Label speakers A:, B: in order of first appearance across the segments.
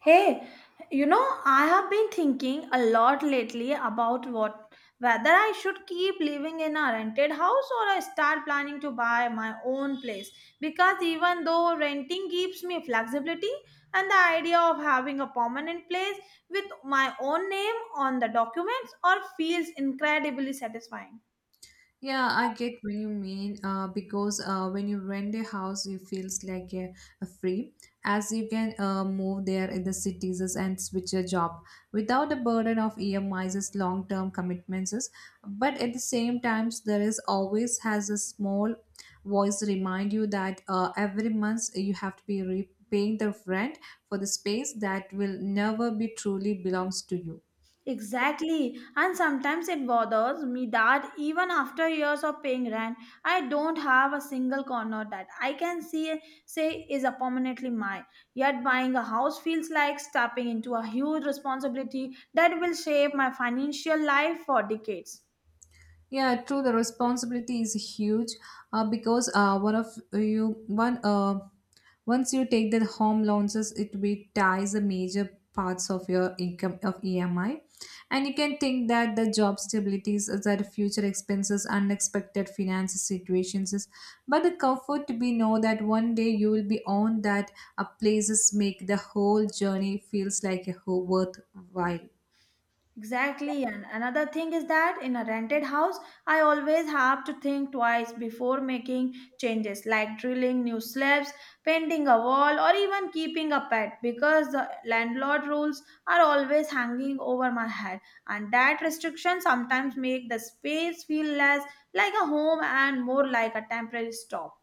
A: Hey, you know, I have been thinking a lot lately about what whether I should keep living in a rented house or I start planning to buy my own place because even though renting gives me flexibility and the idea of having a permanent place with my own name on the documents or feels incredibly satisfying.
B: Yeah, I get when you mean because when you rent a house, it feels like a free as you can move there in the cities and switch a job without the burden of EMIs, long term commitments. But at the same time, there is always has a small voice remind you that every month you have to be repaying the rent for the space that will never be truly belongs to you.
A: Exactly. And sometimes it bothers me that even after years of paying rent, I don't have a single corner that I can see say is a permanently mine. Yet buying a house feels like stepping into a huge responsibility that will shape my financial life for decades.
B: Yeah, true. The responsibility is huge because one of you one once you take the home loans, it will ties the major parts of your income of EMI, and you can think that the job stabilities, that future expenses, unexpected financial situations. But the comfort to be know that one day you will be on that places make the whole journey feels like a whole worthwhile.
A: Exactly, and another thing is that in a rented house, I always have to think twice before making changes like drilling new slabs, painting a wall, or even keeping a pet because the landlord rules are always hanging over my head, and that restriction sometimes make the space feel less like a home and more like a temporary stop.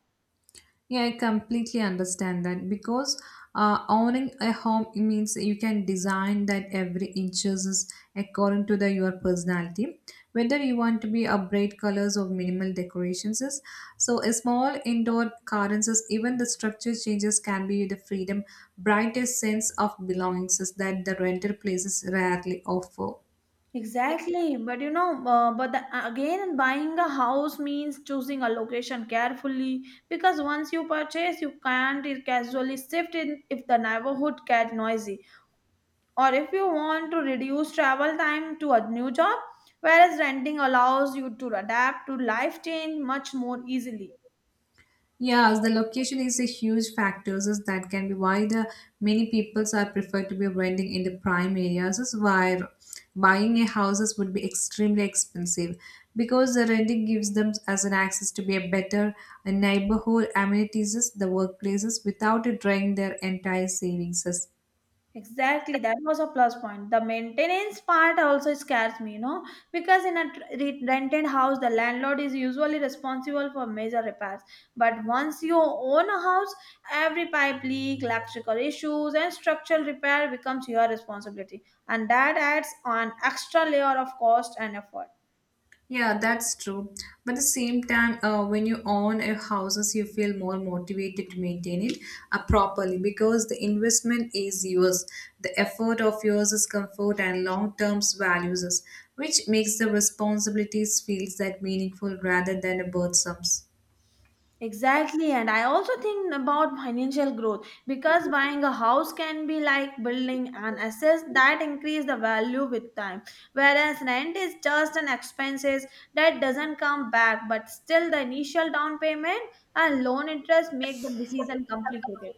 B: Yeah, I completely understand that because owning a home means you can design that every inches is according to the your personality, whether you want to be a bright colors or minimal decorations is. So a small indoor gardens is even the structure changes can be the freedom, brightest sense of belongings is that the rental places rarely offer.
A: Exactly, but you know, again, buying a house means choosing a location carefully because once you purchase, you can't I- casually shift in if the neighborhood get noisy or if you want to reduce travel time to a new job. Whereas renting allows you to adapt to life change much more easily.
B: Yes, the location is a huge factor. So that can be why the many people are prefer to be renting in the prime areas. Is why buying a houses would be extremely expensive because the renting gives them as an access to be a better a neighborhood amenities, the workplaces without it draining their entire savings.
A: Exactly, that was a plus point. The maintenance part also scares me, you know, because in a rented house, the landlord is usually responsible for major repairs. But once you own a house, every pipe leak, electrical issues, and structural repair becomes your responsibility, and that adds an extra layer of cost and effort.
B: Yeah, that's true. But at the same time, when you own a houses, you feel more motivated to maintain it properly because the investment is yours. The effort of yours is comfort and long-term values, which makes the responsibilities feels that meaningful rather than a burden.
A: Exactly, and I also think about financial growth because buying a house can be like building an asset that increase the value with time, whereas rent is just an expenses that doesn't come back, but still the initial down payment and loan interest make the decision complicated.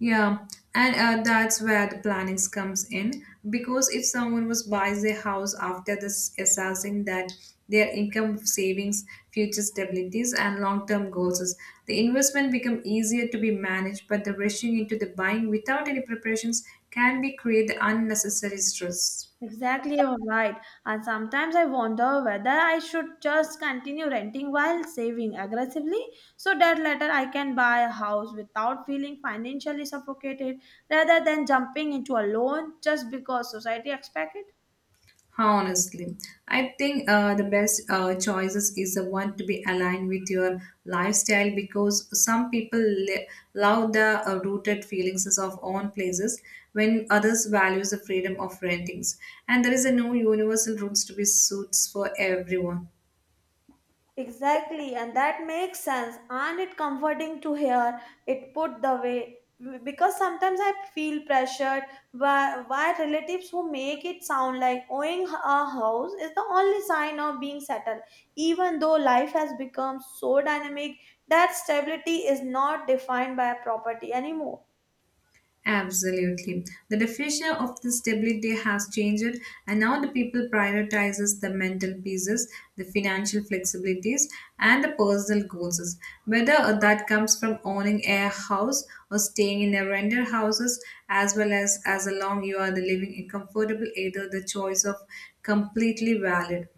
B: Yeah, and that's where the plannings comes in because if someone was buys their house after this assessing that their income savings, future stabilities, and long-term goals is the investment become easier to be managed, but the rushing into the buying without any preparations can be create unnecessary stress.
A: Exactly, you're right. And sometimes I wonder whether I should just continue renting while saving aggressively so that later I can buy a house without feeling financially suffocated rather than jumping into a loan just because society expects it.
B: Honestly, I think the best choices is the one to be aligned with your lifestyle because love the rooted feelings of own places when others values the freedom of rentings. And there is a no universal rules to be suits for everyone.
A: Exactly, and that makes sense, and it comforting to hear it put the way because sometimes I feel pressured by relatives who make it sound like owning a house is the only sign of being settled, even though life has become so dynamic that stability is not defined by property anymore.
B: Absolutely. The definition of the stability has changed and now the people prioritizes the mental pieces, the financial flexibilities and the personal goals. Whether that comes from owning a house or staying in a rental houses as well as long you are the living in comfortable either the choice of completely valid.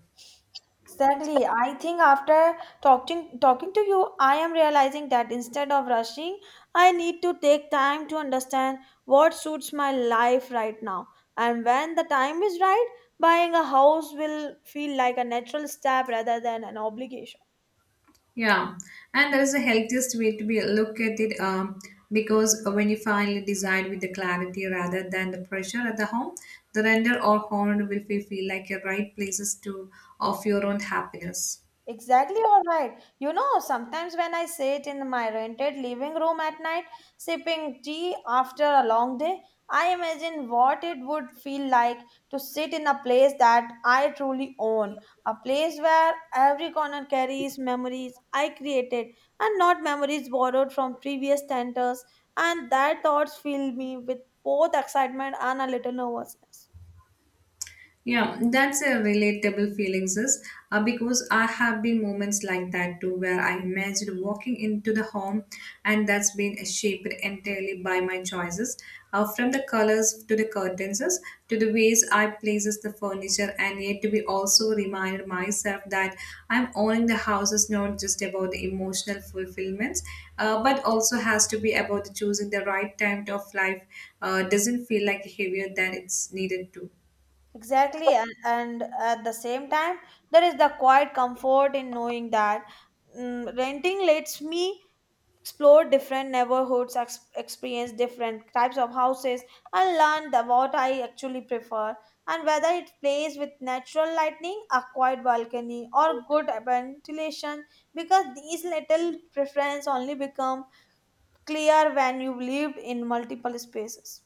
A: Exactly. I think after talking to you, I am realizing that instead of rushing, I need to take time to understand what suits my life right now. And when the time is right, buying a house will feel like a natural step rather than an obligation.
B: Yeah, and that is the healthiest way to be look at it because when you finally decide with the clarity rather than the pressure at the home, the render or horn will feel like your right places to of your own happiness.
A: Exactly, all right. You know, sometimes when I sit in my rented living room at night, sipping tea after a long day, I imagine what it would feel like to sit in a place that I truly own, a place where every corner carries memories I created and not memories borrowed from previous centers, and that thoughts fill me with both excitement and a little nervousness.
B: Yeah, that's a relatable feelings is because I have been moments like that too where I imagined walking into the home and that's been shaped entirely by my choices from the colors to the curtains to the ways I places the furniture and yet to be also reminded myself that I'm owning the house is not just about the emotional fulfillments but also has to be about choosing the right time of life doesn't feel like heavier than it's needed to.
A: Exactly, and at the same time, there is the quiet comfort in knowing that renting lets me explore different neighborhoods, experience different types of houses, and learn what I actually prefer. And whether it plays with natural lighting, a quiet balcony, or good ventilation, because these little preferences only become clear when you live in multiple spaces.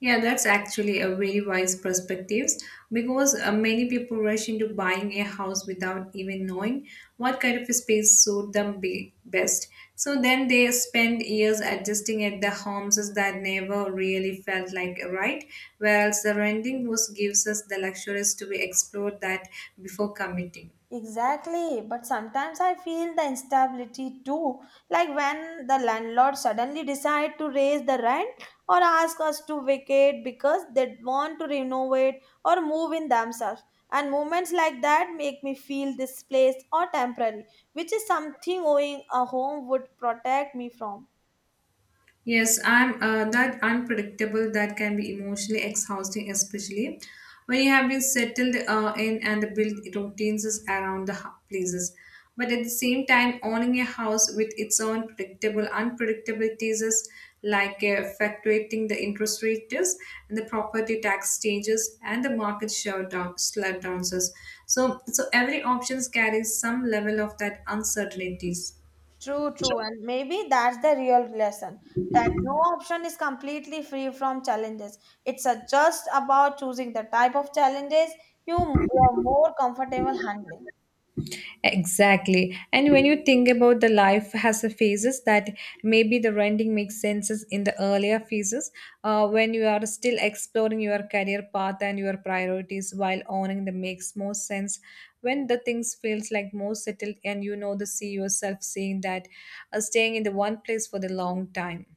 B: Yeah, that's actually a very wise perspective because many people rush into buying a house without even knowing what kind of space suit them be best. So then they spend years adjusting at the homes that never really felt like right, whereas the renting was gives us the luxuries to be explored that before committing.
A: Exactly, but sometimes I feel the instability too, like when the landlord suddenly decide to raise the rent or ask us to vacate because they want to renovate or move in themselves. And moments like that make me feel displaced or temporary, which is something owning a home would protect me from.
B: Yes, I'm that unpredictable that can be emotionally exhausting, especially when you have been settled in and built routines is around the places. But at the same time, owning a house with its own predictable unpredictabilities is like fluctuating the interest rates and the property tax changes and the market slowdowns. So every option carries some level of that uncertainties.
A: True, true. And maybe that's the real lesson that no option is completely free from challenges. It's a just about choosing the type of challenges you are more comfortable handling.
B: Exactly. And when you think about the life has the phases that maybe the renting makes senses in the earlier phases when you are still exploring your career path and your priorities while owning the makes more sense when the things feels like more settled and you know the see yourself seeing that staying in the one place for the long time.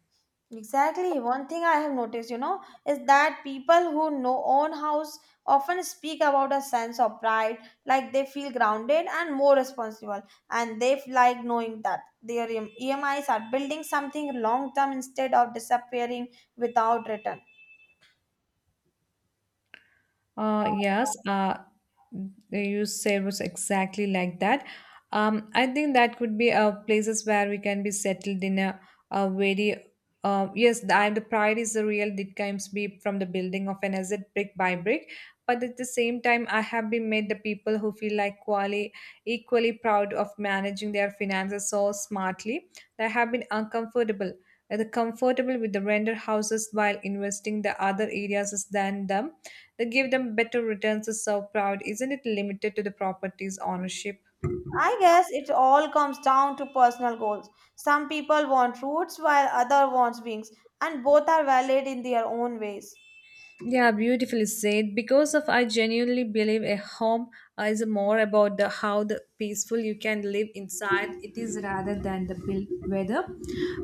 A: Exactly. One thing I have noticed, you know, is that people who know own house often speak about a sense of pride, like they feel grounded and more responsible, and they like knowing that their EMIs are building something long term instead of disappearing without return.
B: Uh, yes, uh, you said was exactly like that. I think that could be places where we can be settled in a very. Yes. The pride is the real. It comes be from the building of an asset brick by brick. But at the same time, I have been made the people who feel like equally proud of managing their finances so smartly. They have been uncomfortable, the comfortable with the render houses while investing the other areas than them they give them better returns to serve proud. Isn't it limited to the property's ownership?
A: I guess it all comes down to personal goals. Some people want roots while other wants wings, and both are valid in their own ways.
B: Yeah, beautifully said. Because of I genuinely believe a home is more about the how the peaceful you can live inside it is rather than the built weather.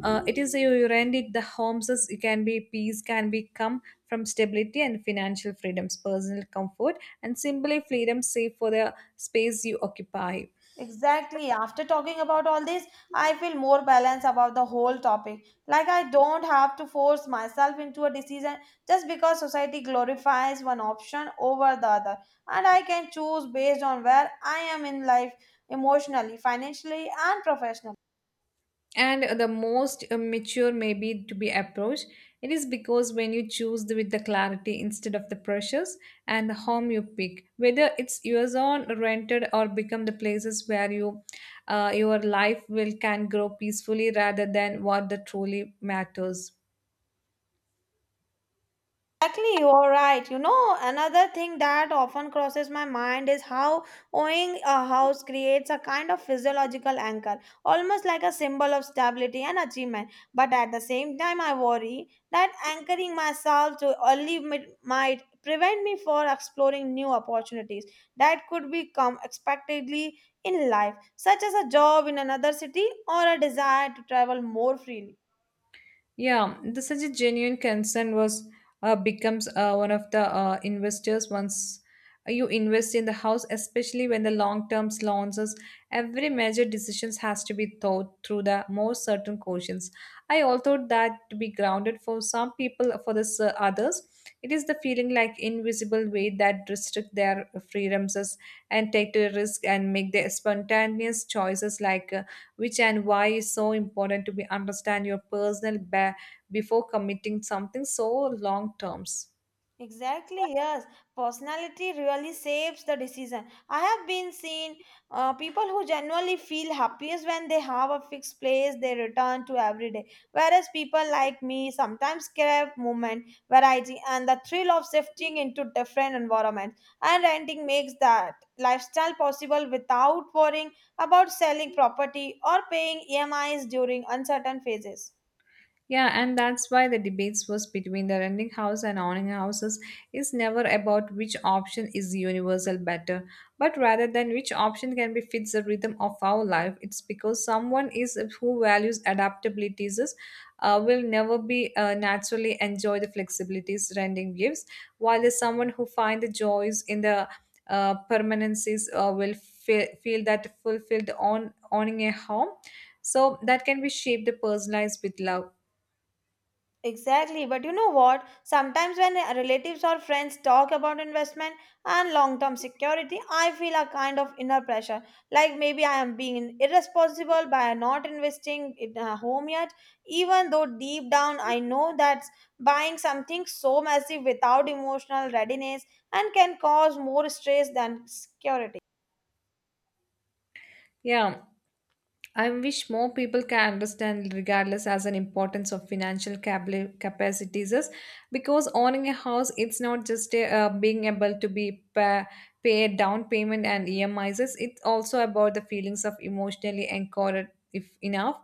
B: It is you rent it the homes as you can be peace can be come from stability and financial freedoms, personal comfort, and simply freedom safe for the space you occupy.
A: Exactly. After talking about all this, I feel more balanced about the whole topic. Like I don't have to force myself into a decision just because society glorifies one option over the other. And I can choose based on where I am in life emotionally, financially, and professionally.
B: And the most mature maybe to be approached it is because when you choose the, with the clarity instead of the pressures and the home you pick whether it's yours own, rented or become the places where you your life will can grow peacefully rather than what the truly matters.
A: Exactly, you're right. You know, another thing that often crosses my mind is how owning a house creates a kind of physiological anchor, almost like a symbol of stability and achievement. But at the same time, I worry that anchoring myself to might prevent me from exploring new opportunities that could become expectedly in life, such as a job in another city or a desire to travel more freely.
B: Yeah, the such a genuine concern was becomes one of the investors once you invest in the house, especially when the long-term launches. Every major decisions has to be thought through the more certain questions. I also that to be grounded for some people, for the others, it is the feeling like invisible weight that restrict their freedoms and take the risk and make their spontaneous choices like which and why is so important to be understand your personal before committing something so long terms.
A: Exactly, yes. Personality really shapes the decision. I have been seen people who genuinely feel happiest when they have a fixed place they return to every day, whereas people like me sometimes crave movement, variety, and the thrill of shifting into different environments. And renting makes that lifestyle possible without worrying about selling property or paying EMIs during uncertain phases.
B: Yeah, and that's why the debates was between the renting house and owning houses is never about which option is universal better, but rather than which option can be fits the rhythm of our life. It's because someone is who values adaptabilities will never be naturally enjoy the flexibilities renting gives, while there's someone who find the joys in the permanencies will feel that fulfilled on owning a home. So that can be shaped personalized with love.
A: Exactly. But you know what? Sometimes when relatives or friends talk about investment and long term security, I feel a kind of inner pressure. Like maybe I am being irresponsible by not investing in a home yet, even though deep down I know that buying something so massive without emotional readiness and can cause more stress than security.
B: Yeah, I wish more people can understand regardless as an importance of financial capacities is because owning a house it's not just a, being able to pay a down payment and EMIs is it's also about the feelings of emotionally anchored if enough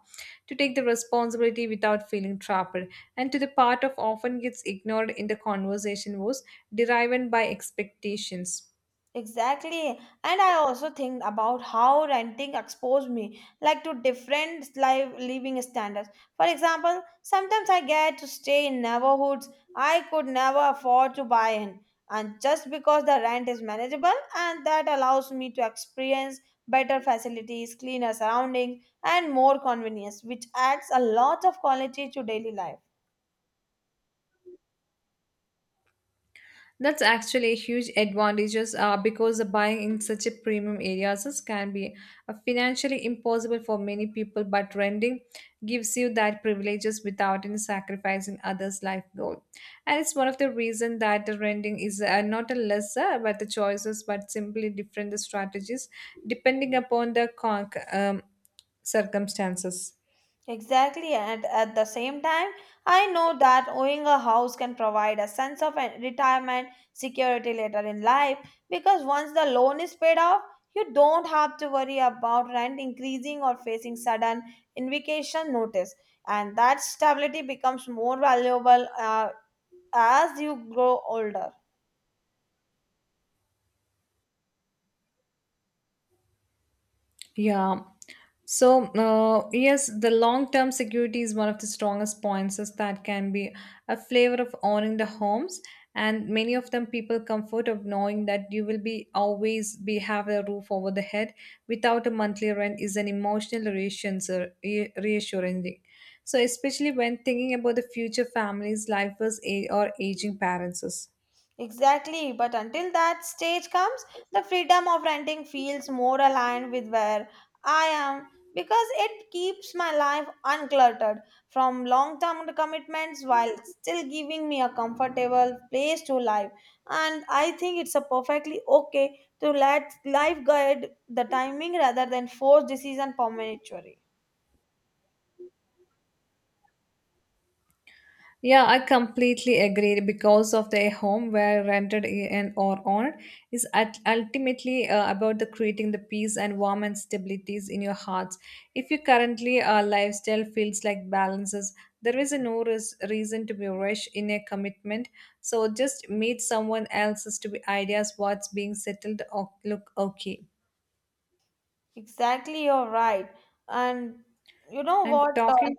B: to take the responsibility without feeling trapped and to the part of often gets ignored in the conversation was driven by expectations.
A: Exactly. And I also think about how renting exposed me like to different life living standards. For example, sometimes I get to stay in neighborhoods I could never afford to buy in. And just because the rent is manageable and that allows me to experience better facilities, cleaner surroundings, and more convenience, which adds a lot of quality to daily life.
B: That's actually a huge advantages because the buying in such a premium areas can be financially impossible for many people, but renting gives you that privileges without any sacrificing others' life goal. And it's one of the reasons that the renting is not a lesser, but the choices, but simply different strategies depending upon the circumstances.
A: Exactly, and at the same time, I know that owning a house can provide a sense of retirement security later in life because once the loan is paid off, you don't have to worry about rent increasing or facing sudden invocation notice, and that stability becomes more valuable as you grow older.
B: Yeah. So, yes, the long term security is one of the strongest points is that can be a flavor of owning the homes. And many of them people comfort of knowing that you will be always be have a roof over the head without a monthly rent is an emotional reassurance, reassuring. So, especially when thinking about the future families, life was or aging parents.
A: Exactly, but until that stage comes, the freedom of renting feels more aligned with where I am because it keeps my life uncluttered from long term commitments while still giving me a comfortable place to live. And I think it's a perfectly okay to let life guide the timing rather than force decision prematurely.
B: Yeah, I completely agree because of the home where rented and or owned is at ultimately about the creating the peace and warm and stabilities in your hearts. If you currently lifestyle feels like balances, there is a no reason to be rush in a commitment. So just meet someone else's to be ideas what's being settled or look okay.
A: Exactly, you're right. And you know
B: And
A: what?
B: talking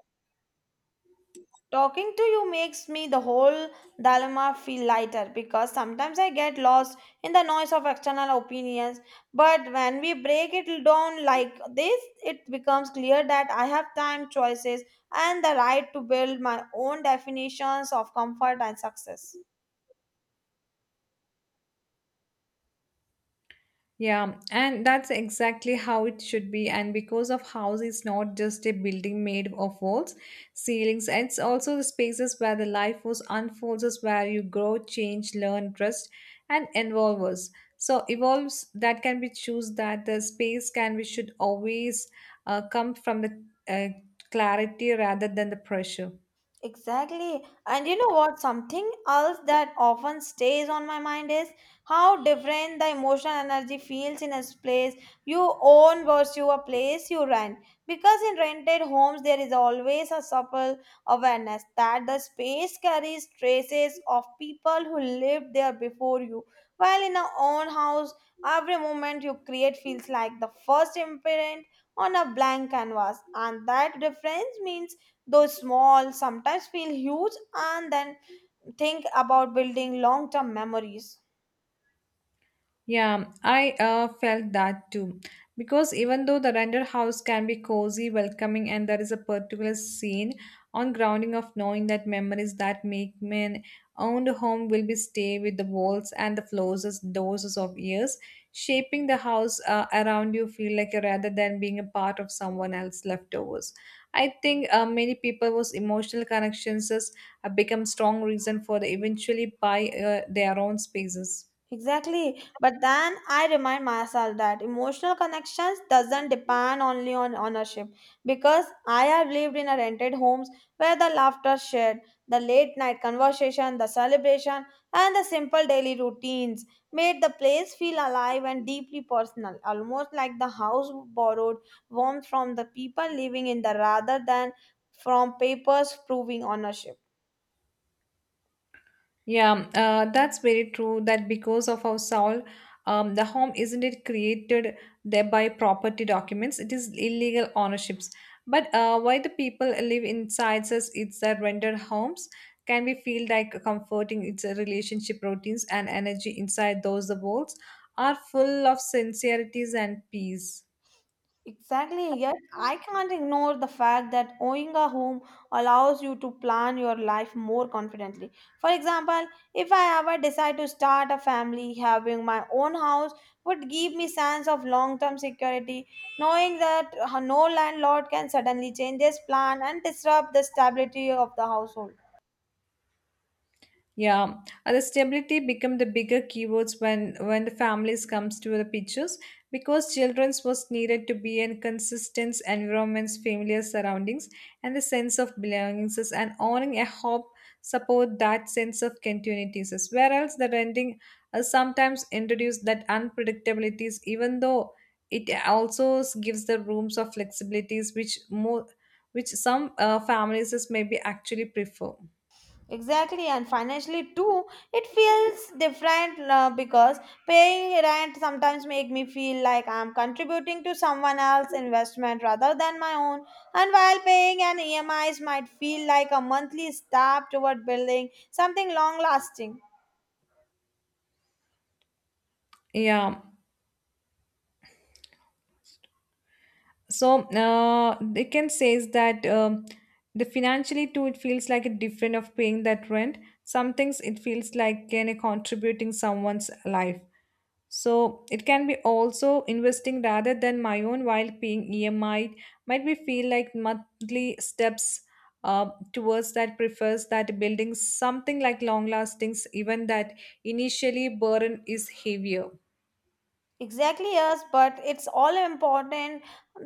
A: Talking to you makes me the whole dilemma feel lighter because sometimes I get lost in the noise of external opinions. But when we break it down like this, it becomes clear that I have time, choices, and the right to build my own definitions of comfort and success.
B: Yeah, and that's exactly how it should be. And because of house is not just a building made of walls, ceilings, it's also the spaces where the life force unfolds, us, where you grow, change, learn, trust, and involve us. So evolves that can be choose that the space can we should always come from the clarity rather than the pressure.
A: Exactly. And you know what? Something else that often stays on my mind is how different the emotional energy feels in a place you own versus a place you rent. Because in rented homes, there is always a subtle awareness that the space carries traces of people who lived there before you. While in a own house, every moment you create feels like the first imprint on a blank canvas. And that difference means though small sometimes feel huge and then think about building long term memories.
B: Yeah, I felt that too. Because even though the rental house can be cozy, welcoming, and there is a particular scene on grounding of knowing that memories that make men owned home will be stay with the walls and the floors as doses of years, shaping the house around you feel like rather than being a part of someone else's leftovers. I think many people was emotional connections has, become strong reason for the eventually buy their own spaces.
A: Exactly. But then I remind myself that emotional connections doesn't depend only on ownership because I have lived in a rented homes where the laughter shared, the late night conversation, the celebration and the simple daily routines made the place feel alive and deeply personal, almost like the house borrowed warmth from the people living in the rather than from papers proving ownership.
B: Yeah, that's very true. That because of our soul, the home isn't it created there by property documents? It is illegal ownerships. But why the people live inside us? It's the rendered homes. Can we feel like comforting? It's a relationship routines and energy inside those the walls are full of sincerities and peace.
A: Exactly, yet I can't ignore the fact that owning a home allows you to plan your life more confidently. For example, if I ever decide to start a family, having my own house would give me sense of long-term security, knowing that no landlord can suddenly change his plan and disrupt the stability of the household.
B: Yeah, and the stability become the bigger keywords when the families comes to the pictures because children's was needed to be in consistent environments, familiar surroundings, and the sense of belongings and owning a hope support that sense of continuities. Whereas the renting sometimes introduce that unpredictabilities, even though it also gives the rooms of flexibilities which more which some families is maybe actually prefer.
A: Exactly, and financially too, it feels different because paying rent sometimes make me feel like I'm contributing to someone else's investment rather than my own. And while paying an EMIs might feel like a monthly step toward building something long lasting.
B: Yeah. So they can says that the financially too it feels like a different of paying that rent some things it feels like can a contributing someone's life so it can be also investing rather than my own while paying emi might be feel like monthly steps towards that prefers that building something like long lastings even that initially burden is heavier.
A: Exactly, yes, but it's all important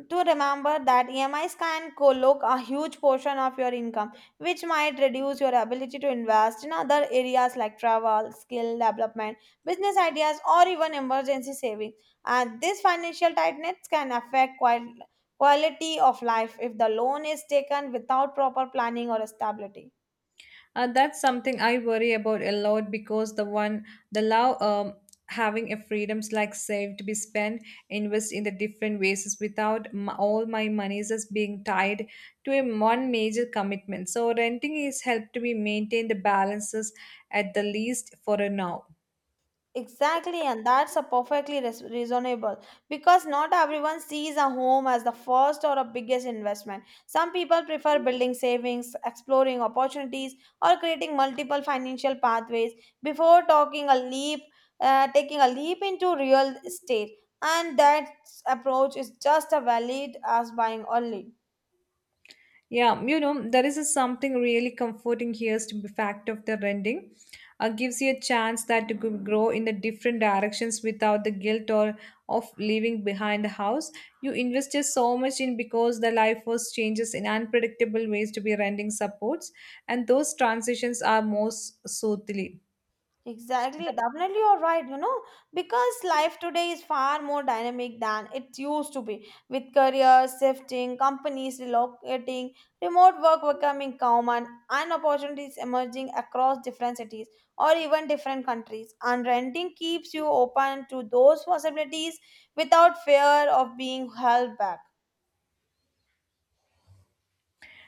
A: to remember that EMIs can collect a huge portion of your income, which might reduce your ability to invest in other areas like travel, skill development, business ideas, or even emergency saving. And this financial tightness can affect quality of life if the loan is taken without proper planning or stability.
B: That's something I worry about a lot because the one the law, having a freedoms like save to be spent, invest in the different ways without all my monies is being tied to a one major commitment. So renting is helped me maintain the balances at the least for a now.
A: Exactly, and that's a perfectly reasonable because not everyone sees a home as the first or a biggest investment. Some people prefer building savings, exploring opportunities, or creating multiple financial pathways before talking a leap, taking a leap into real estate. And that approach is just as valid as buying only.
B: Yeah, you know, there is a something really comforting here is to be fact of the rending. Gives you a chance that you could grow in the different directions without the guilt or of leaving behind the house. You invested so much in because the life was changes in unpredictable ways to be rending supports, and those transitions are most soothly.
A: Exactly, definitely you're right, you know, because life today is far more dynamic than it used to be, with careers shifting, companies relocating, remote work becoming common, and opportunities emerging across different cities or even different countries. And renting keeps you open to those possibilities without fear of being held back.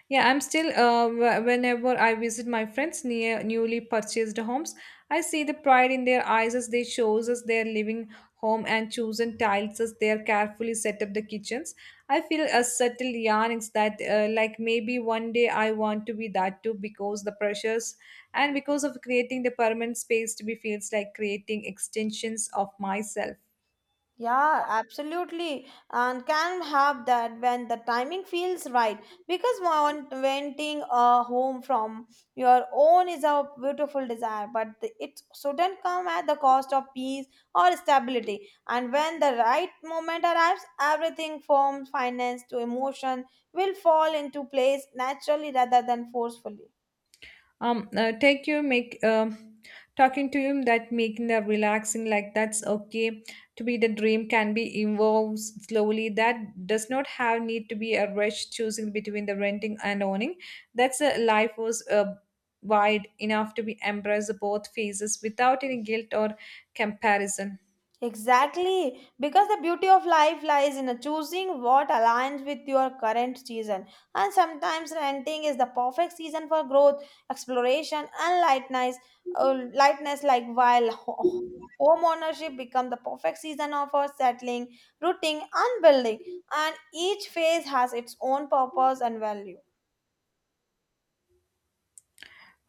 B: Yeah, I'm still, whenever I visit my friends near newly purchased homes, I see the pride in their eyes as they chose us their living home and chosen tiles as they are carefully set up the kitchens. I feel a subtle yearnings that, like maybe one day I want to be that too because the pressures and because of creating the permanent space to be feels like creating extensions of myself.
A: Yeah, absolutely. And can have that when the timing feels right. Because renting a home from your own is a beautiful desire, but it shouldn't come at the cost of peace or stability. And when the right moment arrives, everything from finance to emotion will fall into place naturally rather than forcefully.
B: Take you make talking to him that making the relaxing like that's okay to be the dream can be evolves slowly that does not have need to be a rush choosing between the renting and owning that's a life was wide enough to be embrace both phases without any guilt or comparison.
A: Exactly, because the beauty of life lies in choosing what aligns with your current season. And sometimes renting is the perfect season for growth, exploration, and lightness. Lightness, like while home ownership become the perfect season of our settling, rooting, and building. And each phase has its own purpose and value.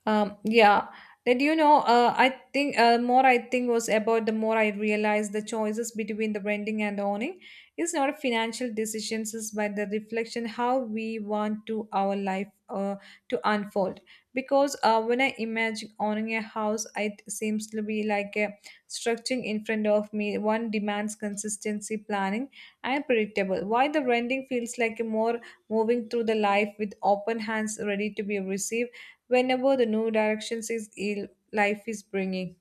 B: Yeah. Did you know? I think more I think was about the more I realized the choices between the renting and owning is not a financial decisions, is but the reflection how we want to our life to unfold. Because when I imagine owning a house, it seems to be like a structuring in front of me. One demands consistency, planning, and predictable. Why the renting feels like a more moving through the life with open hands ready to be received whenever the new directions is life is bringing.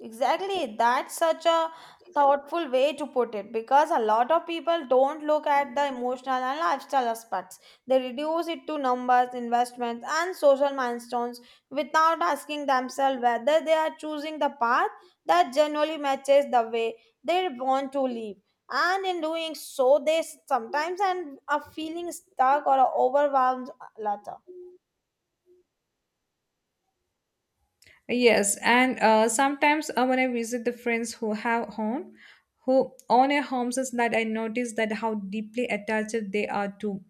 A: Exactly. That's such a thoughtful way to put it because a lot of people don't look at the emotional and lifestyle aspects. They reduce it to numbers, investments, and social milestones without asking themselves whether they are choosing the path that generally matches the way they want to live. And in doing so, they sometimes end up feeling stuck or overwhelmed later.
B: Yes, and sometimes when I visit the friends who have home, who own a homes, is that I notice that how deeply attached they are to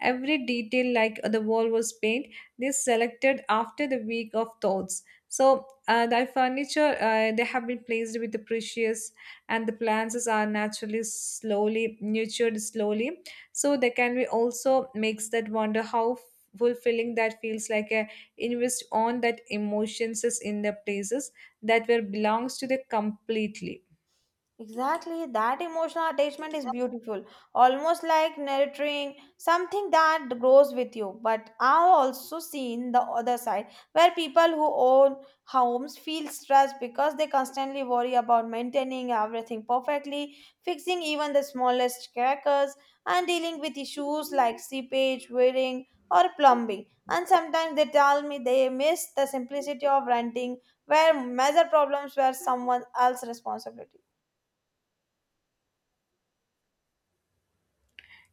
B: every detail, like the wall was paint. They selected after the week of thoughts. So the furniture they have been placed with the precious, and the plants are naturally slowly nurtured slowly. So they can be also makes that wonder how fulfilling that feels like a invest on that emotions is in the places that were belongs to the completely.
A: Exactly, that emotional attachment is beautiful, almost like nurturing something that grows with you. But I've also seen the other side where people who own homes feel stressed because they constantly worry about maintaining everything perfectly, fixing even the smallest crackers, and dealing with issues like seepage, wearing, or plumbing. And sometimes they tell me they miss the simplicity of renting, where major problems were someone else's responsibility.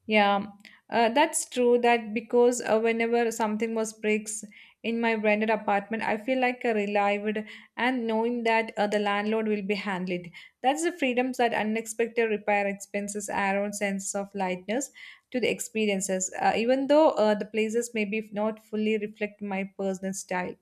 B: Yeah, that's true that because whenever something was breaks in my rented apartment I feel like a relieved and knowing that the landlord will be handled that's the freedoms that unexpected repair expenses add on sense of lightness to the experiences, even though the places may be not fully reflect my personal style.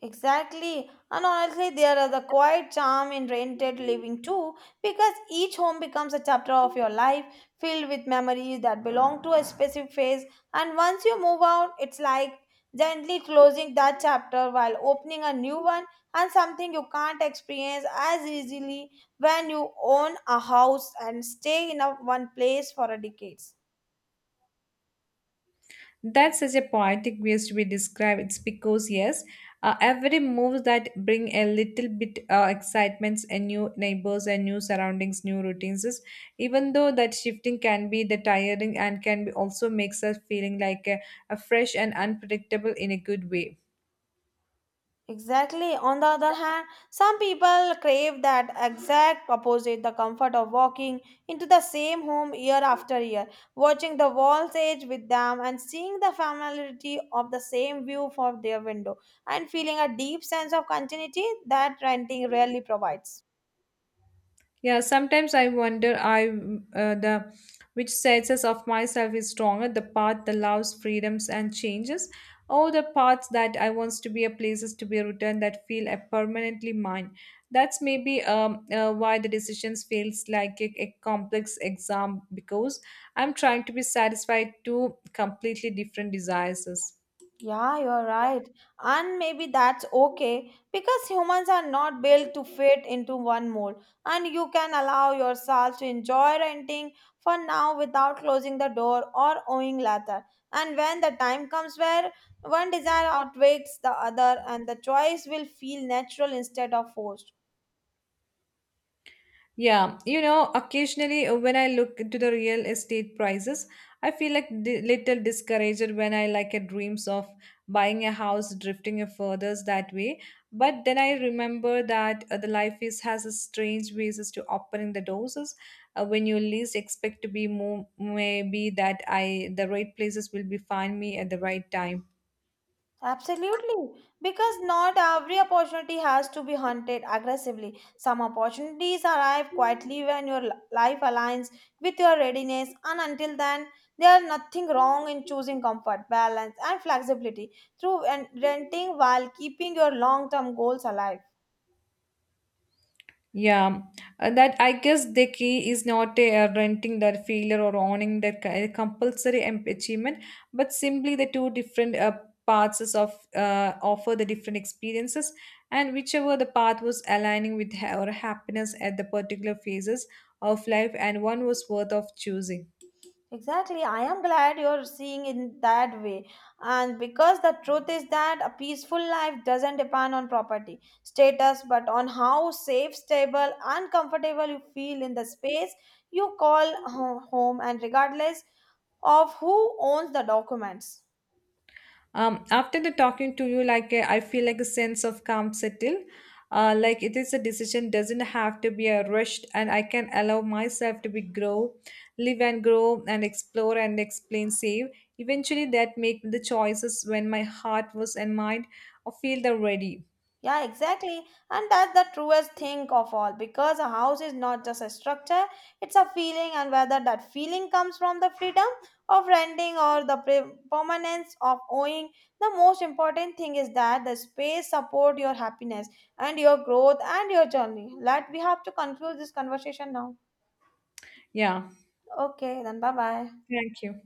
A: Exactly. And honestly, there is a quiet charm in rented living too, because each home becomes a chapter of your life filled with memories that belong to a specific phase. And once you move out, it's like gently closing that chapter while opening a new one and something you can't experience as easily when you own a house and stay in a, one place for a decades.
B: That's such a poetic ways to be described. It's because yes, every move that bring a little bit excitements and new neighbors and new surroundings, new routines. Even though that shifting can be the tiring and can be also makes us feeling like a fresh and unpredictable in a good way.
A: Exactly. On the other hand, some people crave that exact opposite the comfort of walking into the same home year after year, watching the walls age with them, and seeing the familiarity of the same view from their window, and feeling a deep sense of continuity that renting rarely provides.
B: Yeah, sometimes I wonder I the which senses of myself is stronger, the path that loves freedoms and changes, or the path that I wants to be a places to be returned that feel a permanently mine. That's maybe why the decisions feels like a complex exam because I'm trying to be satisfied to completely different desires.
A: Yeah, you're right. And maybe that's okay because humans are not built to fit into one mold. And you can allow yourself to enjoy renting for now without closing the door or owing later. And when the time comes where one desire outweighs the other, and the choice will feel natural instead of forced.
B: Yeah, you know, occasionally when I look into the real estate prices, I feel like di little discouraged when I like a dreams of buying a house, drifting a furthers that way. But then I remember that the life is has a strange ways as to opening the doors is, when you least expect to be more maybe that I the right places will be find me at the right time.
A: Absolutely, because not every opportunity has to be hunted aggressively. Some opportunities arrive quietly when your life aligns with your readiness, and until then, there is nothing wrong in choosing comfort, balance, and flexibility through renting while keeping your long term goals alive.
B: Yeah, that I guess the key is not renting their failure or owning their compulsory achievement, but simply the two different paths is of offer the different experiences, and whichever the path was aligning with our happiness at the particular phases of life, and one was worth of choosing.
A: Exactly. I am glad you're seeing in that way. And because the truth is that a peaceful life doesn't depend on property, status, but on how safe, stable, and comfortable you feel in the space you call home, and regardless of who owns the documents.
B: After the talking to you, like I feel like a sense of calm settle. Like it is a decision doesn't have to be a rushed, and I can allow myself to be grow, live and grow and explore and explain save. Eventually, that make the choices when my heart was and mind. I feel the ready.
A: Yeah, exactly. And that's the truest thing of all because a house is not just a structure, it's a feeling, and whether that feeling comes from the freedom of renting or the permanence of owning, the most important thing is that the space support your happiness and your growth and your journey. Let we have to conclude this conversation now.
B: Yeah.
A: Okay, then bye bye.
B: Thank you.